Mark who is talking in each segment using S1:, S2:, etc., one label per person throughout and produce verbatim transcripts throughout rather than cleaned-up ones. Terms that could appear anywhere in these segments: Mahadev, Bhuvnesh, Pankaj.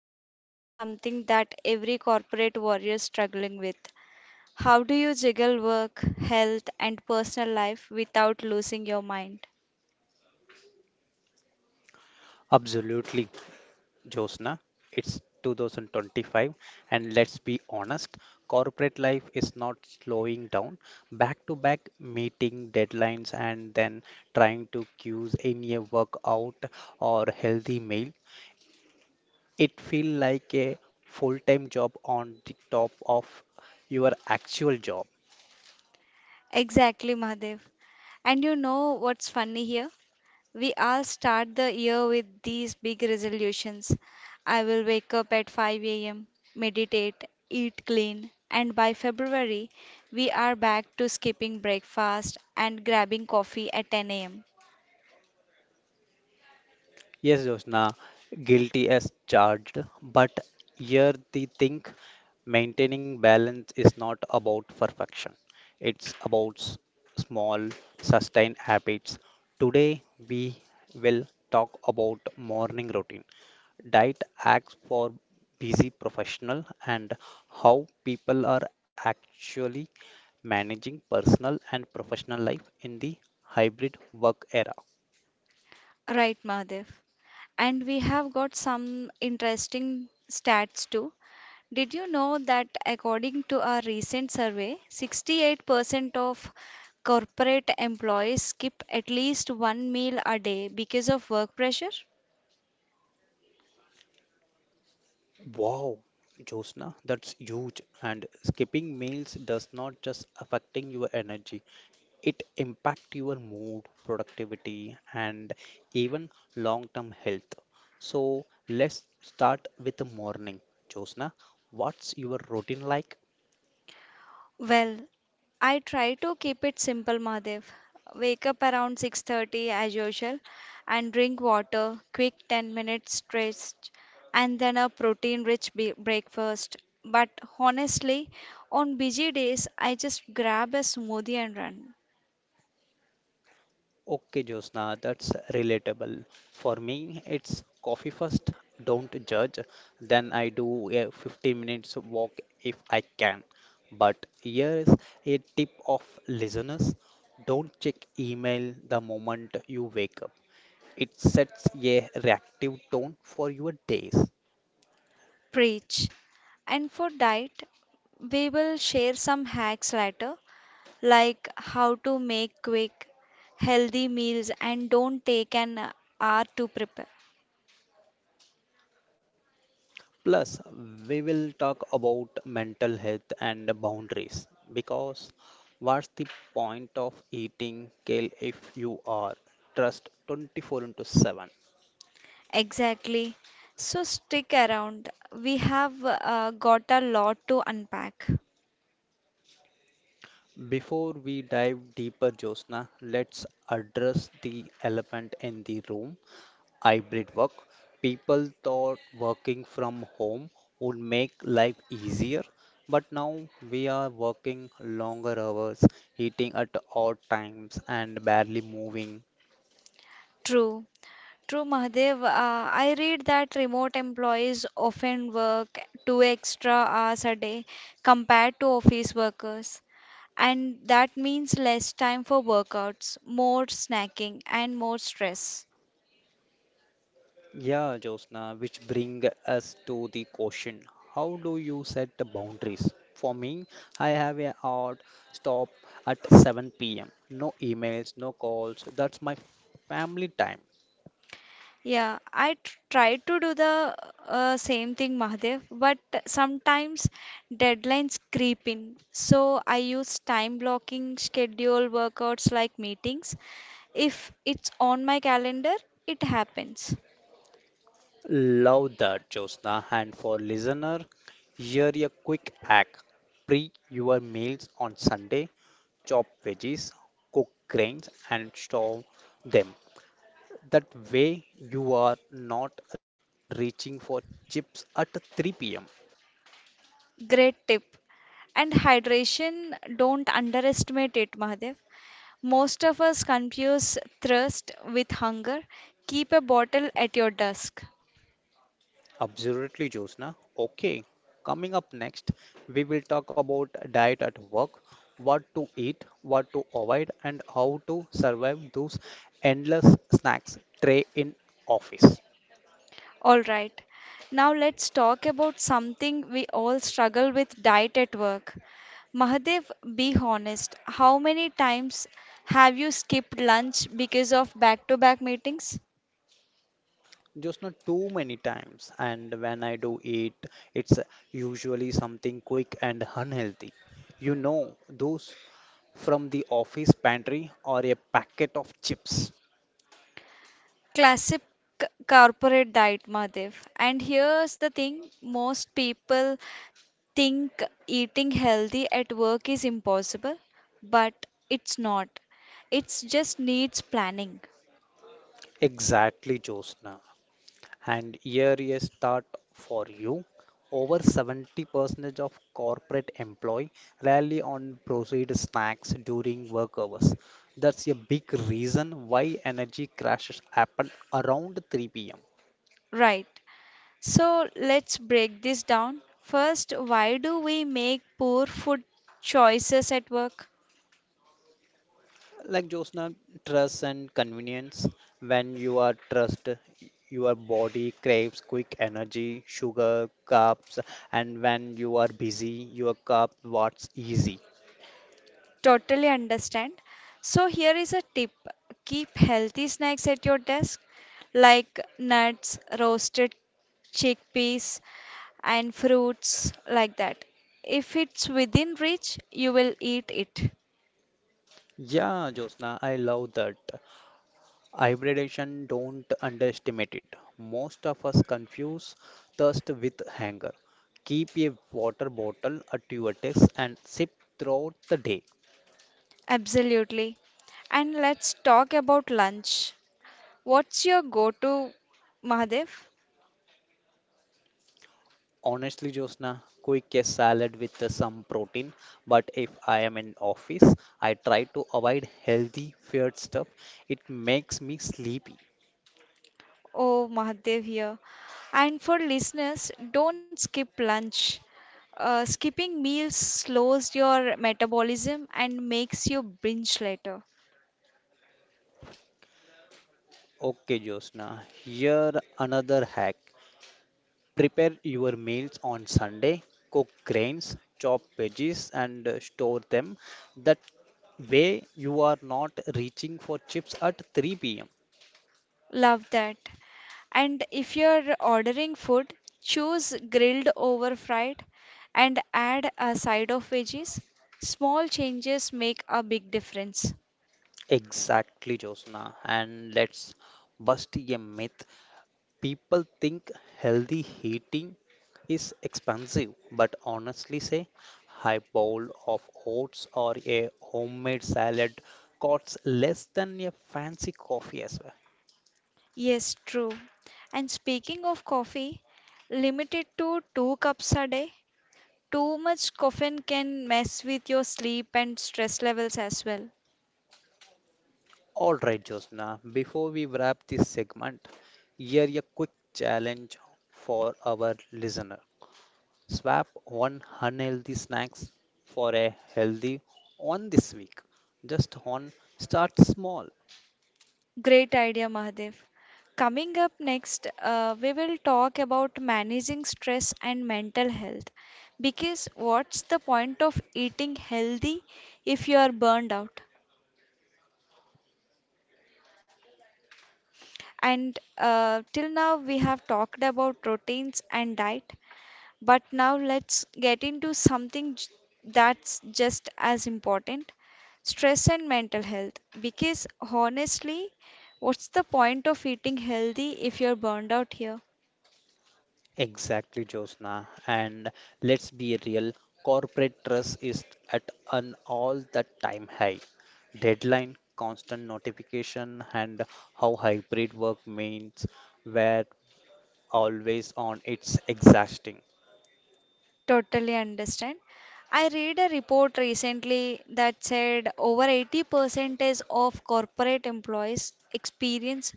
S1: diving into something that every corporate warrior is struggling with. How do you juggle work, health, and personal life without losing your mind?
S2: Absolutely, Josna. It's two thousand twenty-five, and let's be honest, corporate life is not slowing down. Back to back meeting deadlines and then trying to cues in a workout or healthy meal. It feels like a full time job on the top of your actual job.
S1: Exactly, Mahadev. And you know what's funny here? We all start the year with these big resolutions. I will wake up at five a m, meditate, eat clean, and by February, we are back to skipping breakfast and grabbing coffee at ten a m.
S2: Yes, Josna, guilty as charged. But here the thing maintaining balance is not about perfection, it's about s- small, sustained habits. Today, we will talk about morning routine, diet hacks for busy professional, and how people are actually managing personal and professional life in the hybrid work era.
S1: Right, Mahadev. And we have got some interesting stats too. Did you know that according to a recent survey, sixty-eight percent of corporate employees skip at least one meal a day because of work pressure?
S2: Wow, Josna, that's huge. And skipping meals does not just affecting your energy, it impact your mood, productivity, and even long-term health. So let's start with the morning. Josna, what's your routine like?
S1: Well, I try to keep it simple, Mahadev. Wake up around six thirty as usual and drink water, quick ten minutes stretch and then a protein-rich be- breakfast. But honestly, on busy days I just grab a smoothie and run.
S2: Okay, Josna, that's relatable. For me, it's coffee first, don't judge. Then I do a fifteen minutes walk if I can. But here's a tip of listeners. Don't check email the moment you wake up. It sets a reactive tone for your days.
S1: Preach. And for diet, we will share some hacks later, like how to make quick, healthy meals and don't take an hour to prepare.
S2: Plus, we will talk about mental health and boundaries because what's the point of eating kale if you are trust twenty-four into seven?
S1: Exactly. So stick around. We have uh, got a lot to unpack.
S2: Before we dive deeper, Josna, let's address the elephant in the room hybrid work. People thought working from home would make life easier, but now we are working longer hours, eating at odd times, and barely moving.
S1: True. True, Mahadev. Uh, I read that remote employees often work two extra hours a day compared to office workers. And that means less time for workouts, more snacking, and more stress.
S2: Yeah, Josna, which bring us to the question, how do you set the boundaries? For me, I have a hard stop at seven p m. No emails, no calls. That's my family time.
S1: Yeah, I tr try to do the uh, same thing, Mahadev, but sometimes deadlines creep in. So I use time blocking schedule workouts like meetings. If it's on my calendar, it happens.
S2: Love that, Josna. And for listener, here a quick hack. Pre your meals on Sunday, chop veggies, cook grains and store them. That way, you are not reaching for chips at three p m.
S1: Great tip. And hydration, don't underestimate it, Mahadev. Most of us confuse thirst with hunger. Keep a bottle at your desk.
S2: Absolutely, Josna. Okay, coming up next, we will talk about diet at work, what to eat, what to avoid, and how to survive those endless snacks tray in office.
S1: All right. Now let's talk about something we all struggle with diet at work. Mahadev, be honest. How many times have you skipped lunch because of back to back meetings?
S2: Just not too many times, and when I do eat, it's usually something quick and unhealthy. You know, those from the office pantry or a packet of chips.
S1: Classic c- corporate diet, Mahadev. And here's the thing most people think eating healthy at work is impossible, but it's not. It just needs planning.
S2: Exactly, Josna. And here is start for you. Over seventy percent of corporate employee rarely on processed snacks during work hours. That's a big reason why energy crashes happen around three p m
S1: Right. So let's break this down. First, why do we make poor food choices at work?
S2: Like Josna, trust and convenience. When you are trust, your body craves quick energy, sugar, carbs, and when you are busy, your carb what's easy.
S1: Totally understand. So, here is a tip keep healthy snacks at your desk, like nuts, roasted chickpeas, and fruits, like that. If it's within reach, you will eat it.
S2: Yeah, Josna, I love that. Hybridation, don't underestimate it. Most of us confuse thirst with hunger. Keep a water bottle at your desk and sip throughout the day.
S1: Absolutely. And let's talk about lunch. What's your go to, Mahadev?
S2: Honestly, Josna, quick a salad with uh, some protein. But if I am in office, I try to avoid healthy feared stuff. It makes me sleepy.
S1: Oh, Mahadev here. And for listeners, don't skip lunch. Uh, skipping meals slows your metabolism and makes you binge later.
S2: Okay, Josna, here another hack. Prepare your meals on Sunday. Cook grains, chop veggies, and uh, store them. That way you are not reaching for chips at three p m.
S1: Love that. And if you're ordering food, choose grilled over fried and add a side of veggies. Small changes make a big difference.
S2: Exactly, Josna. And let's bust a myth. People think healthy eating is expensive, but honestly say high bowl of oats or a homemade salad costs less than a fancy coffee as well.
S1: Yes, true. And speaking of coffee, limit it to two cups a day. Too much caffeine can mess with your sleep and stress levels as well.
S2: All right, Josna, before we wrap this segment, here a quick challenge for our listener. Swap one unhealthy snacks for a healthy one this week. Just one, start small.
S1: Great idea, Mahadev. Coming up next, uh, we will talk about managing stress and mental health. Because what's the point of eating healthy if you are burned out? And uh, till now, we have talked about routines and diet. But now let's get into something j- that's just as important stress and mental health. Because honestly, what's the point of eating healthy if you're burned out here?
S2: Exactly, Josna. And let's be real, corporate trust is at an all the time high. Deadline, constant notification, and how hybrid work means were always on. It's exhausting.
S1: Totally understand. I read a report recently that said over eighty percent of corporate employees experience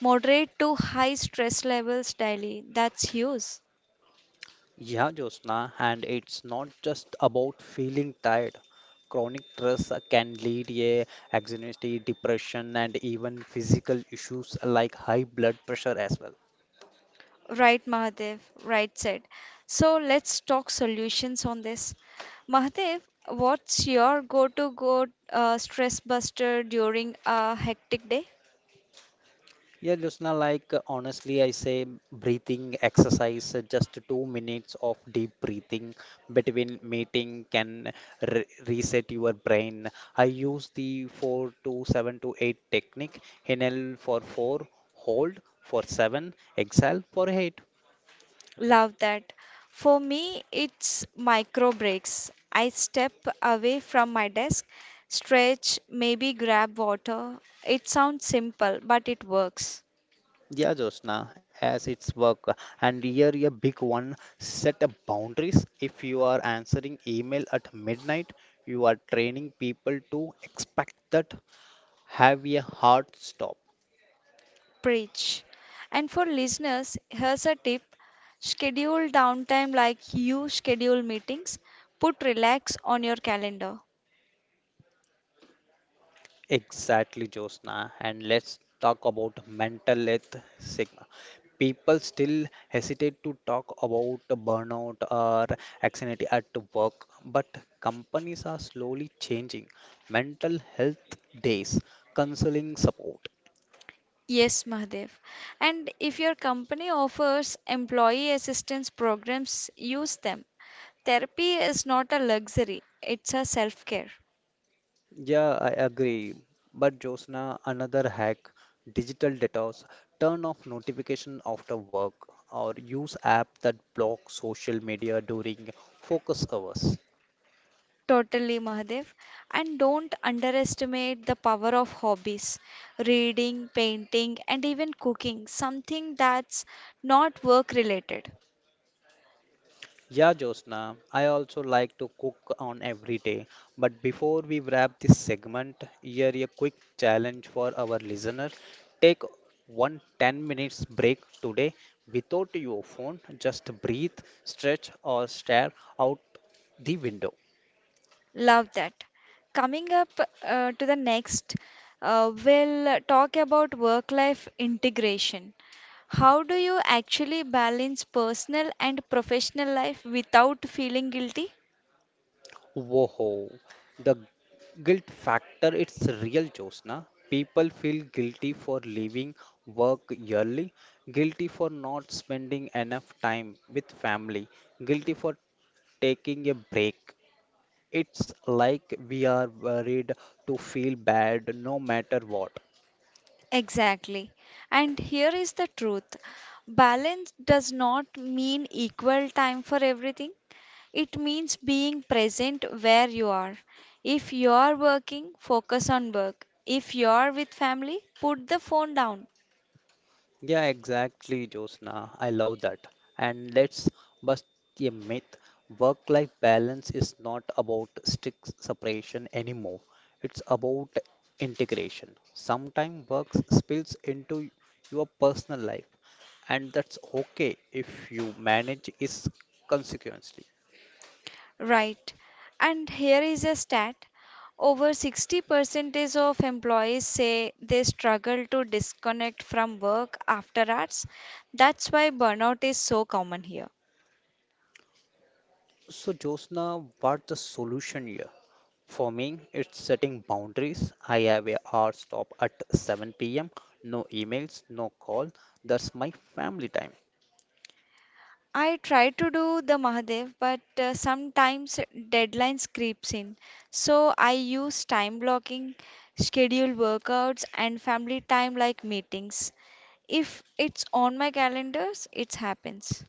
S1: moderate to high stress levels daily. That's huge.
S2: Yeah, Josna, and it's not just about feeling tired. Chronic stress can lead a anxiety, depression, and even physical issues like high blood pressure as well.
S1: Right, Mahadev, right said. So let's talk solutions on this. Mahadev, what's your go to go uh, stress buster during a hectic day?
S2: Yeah, Jyotsna, like uh, honestly, I say breathing exercise, uh, just two minutes of deep breathing between meeting can re reset your brain. I use the four to seven to eight technique, inhale for four, hold for seven, exhale for eight.
S1: Love that. For me, it's micro breaks. I step away from my desk, stretch, maybe grab water. It sounds simple, but it works.
S2: Yeah, Jyotsna, as it's work. And here a big one, set up boundaries. If you are answering email at midnight, you are training people to expect that. Have a hard stop.
S1: Preach. And for listeners, here's a tip schedule downtime like you schedule meetings. Put relax on your calendar.
S2: Exactly, Josna. And let's talk about mental health stigma. People still hesitate to talk about burnout or anxiety at work, but companies are slowly changing mental health days, counseling support.
S1: Yes, Mahadev. And if your company offers employee assistance programs, use them. Therapy is not a luxury, it's a self care.
S2: Yeah, I agree. But Josna, another hack, digital detox. Turn off notification after work or use app that block social media during focus hours.
S1: Totally, Mahadev. And don't underestimate the power of hobbies reading, painting, and even cooking something that's not work related.
S2: Yeah, Josna, I also like to cook on every day. But before we wrap this segment, here a quick challenge for our listener. Take one ten minutes break today without your phone. Just breathe, stretch, or stare out the window.
S1: Love that. Coming up uh, to the next, uh, we'll talk about work-life integration. How do you actually balance personal and professional life without feeling guilty?
S2: Whoa, the guilt factor, it's real, Josna. People feel guilty for leaving work early, guilty for not spending enough time with family, guilty for taking a break. It's like we are worried to feel bad no matter what.
S1: Exactly. And here is the truth. Balance does not mean equal time for everything. It means being present where you are. If you are working, focus on work. If you are with family, put the phone down.
S2: Yeah, exactly, Josna. I love that. And let's bust a myth. Work-life balance is not about strict separation anymore. It's about integration. Sometimes work spills into your personal life, and that's okay if you manage it consequently.
S1: Right. And here is a stat. Over sixty percent of employees say they struggle to disconnect from work after hours. That's why burnout is so common here.
S2: So, Josna, what's the solution here? For me, it's setting boundaries. I have a hard stop at seven p m. No emails, no call. That's my family time.
S1: I try to do the Mahadev, but uh, sometimes deadlines creeps in. So I use time blocking, schedule workouts and family time like meetings. If it's on my calendars, it happens.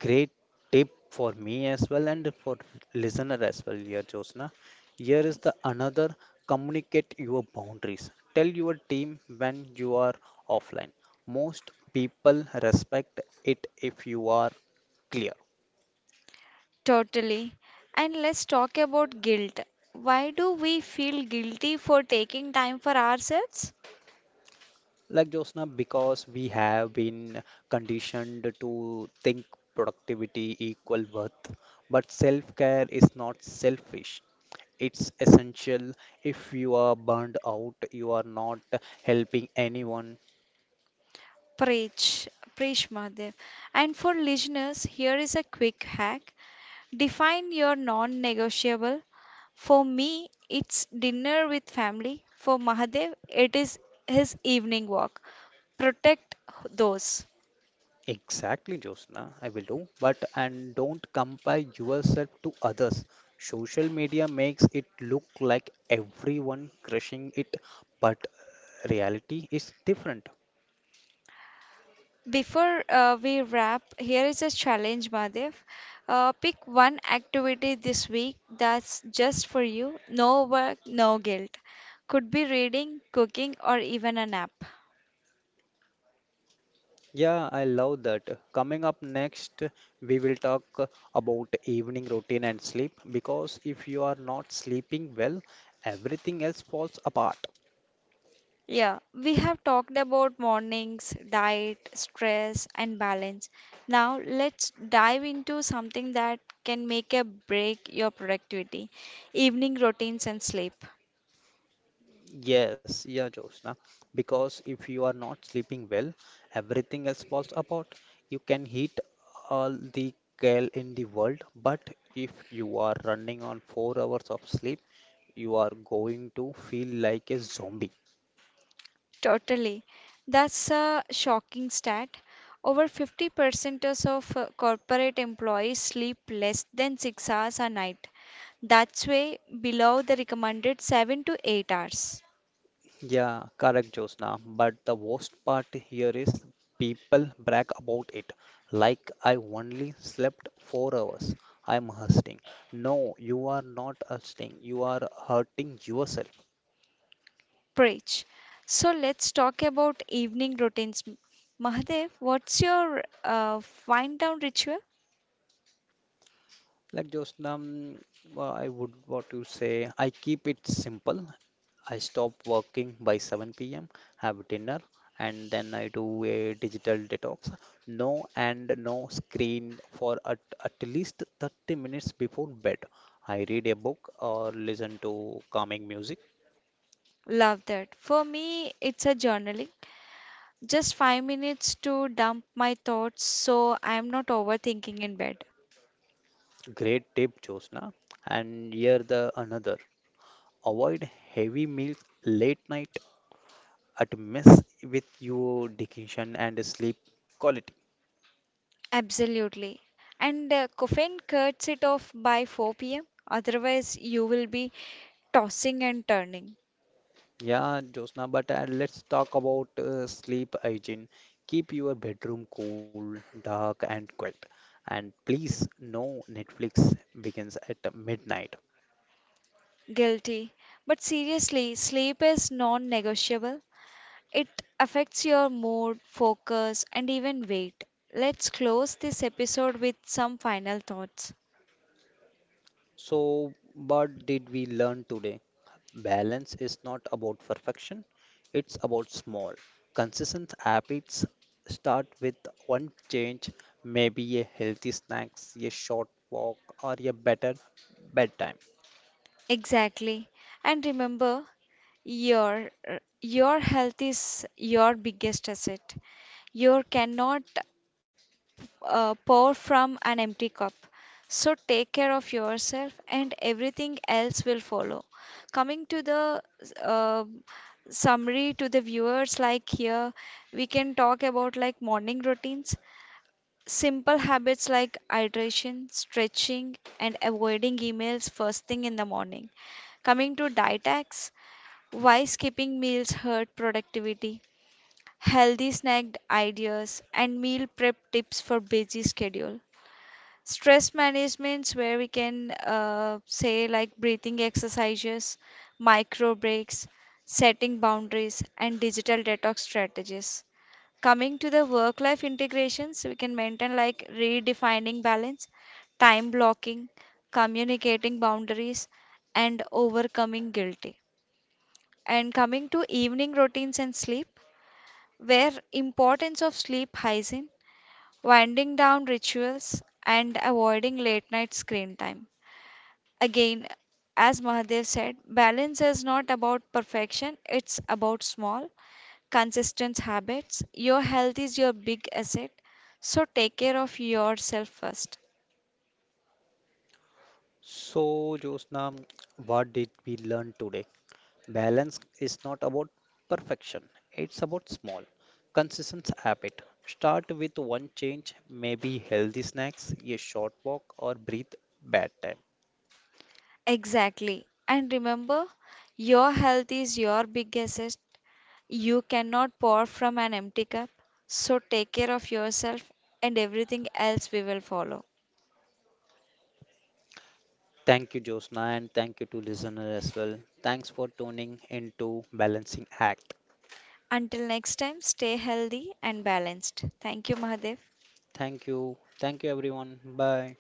S2: Great tip for me as well and for listener as well here, Josna. Here is the
S1: Yes.
S2: another, communicate your boundaries. Tell your team when you are offline. Most people respect it if you are clear.
S1: Totally. And let's talk about guilt. Why do we feel guilty for taking time for ourselves?
S2: Like Josna, because we have been conditioned to think productivity equal worth, but self-care is not selfish. It's essential. If you are burned out, you are not helping anyone.
S1: Preach, preach, Mahadev. And for listeners, here is a quick hack. Define your non negotiable. For me, it's dinner with family. For Mahadev, it is his evening walk. Protect those.
S2: Exactly, Josna, I will do. But and don't compare yourself to others. Social media makes it look like everyone crushing it, but reality is different.
S1: Before uh, we wrap, here is a challenge, Madhav. Uh, pick one activity this week that's just for you. No work, no guilt. Could be reading, cooking, or even a nap.
S2: Yeah, I love that. Coming up next, we will talk about evening routine and sleep because if you are not sleeping well, everything else falls apart.
S1: Yeah, we have talked about mornings, diet, stress, and balance. Now let's dive into something that can make a break your productivity, evening routines and sleep.
S2: Yes, yeah, Josna. Because if you are not sleeping well, everything else falls apart. You can hit all the gale in the world, but if you are running on four hours of sleep, you are going to feel like a zombie.
S1: Totally. That's a shocking stat. Over fifty percent so of uh, corporate employees sleep less than six hours a night. That's way below the recommended seven to eight hours.
S2: Yeah, correct, Josna. But the worst part here is people brag about it. Like I only slept four hours. I'm hurting. No, you are not hurting. You are hurting yourself.
S1: Preach. So let's talk about evening routines. M- Mahadev, what's your uh, wind down ritual?
S2: Like Josna, mm, well, I would what you say. I keep it simple. I stop working by seven p m, have dinner, and then I do a digital detox. No and no screen for at, at least thirty minutes before bed. I read a book or listen to calming music.
S1: Love that. For me, it's a journaling. Just five minutes to dump my thoughts so I'm not overthinking in bed.
S2: Great tip, Josna. And here the another. Avoid heavy meals late night at mess with your digestion and sleep quality.
S1: Absolutely. And uh, caffeine cuts it off by four p m. Otherwise, you will be tossing and turning.
S2: Yeah, Josna, but uh, let's talk about uh, sleep hygiene. Keep your bedroom cool, dark, and quiet. And please, no Netflix begins at midnight.
S1: Guilty. But seriously, sleep is non-negotiable. It affects your mood, focus, and even weight. Let's close this episode with some final thoughts.
S2: So, what did we learn today? Balance is not about perfection, it's about small, consistent habits. Start with one change, maybe a healthy snacks, a short walk, or a better bedtime.
S1: Exactly. And remember, your your health is your biggest asset. You cannot uh, pour from an empty cup. So take care of yourself, and everything else will follow. Coming to the uh, summary to the viewers, like here, we can talk about like morning routines. Simple habits like hydration, stretching, and avoiding emails first thing in the morning. Coming to diet hacks, why skipping meals hurt productivity, healthy snack ideas, and meal prep tips for busy schedule stress managements where we can uh, say like breathing exercises micro breaks setting boundaries and digital detox strategies coming to the work life integrations we can maintain like redefining balance time blocking communicating boundaries and overcoming guilty and coming to evening routines and sleep where importance of sleep hygiene winding down rituals, and avoiding late night screen time. Again, as Mahadev said, balance is not about perfection, it's about small, consistent habits. Your health is your big asset, so take care of yourself first.
S2: So, Josna, what did we learn today? Balance is not about perfection, it's about small, consistent habit. Start with one change, maybe healthy snacks, a short walk, or breathe bad time.
S1: Exactly. And remember, your health is your big asset. You cannot pour from an empty cup, so take care of yourself, and everything else we will follow.
S2: Thank you, Josna, and thank you to listener as well. Thanks for tuning into Balancing Act.
S1: Until next time, stay healthy and balanced. Thank you, Mahadev.
S2: Thank you. Thank you, everyone. Bye.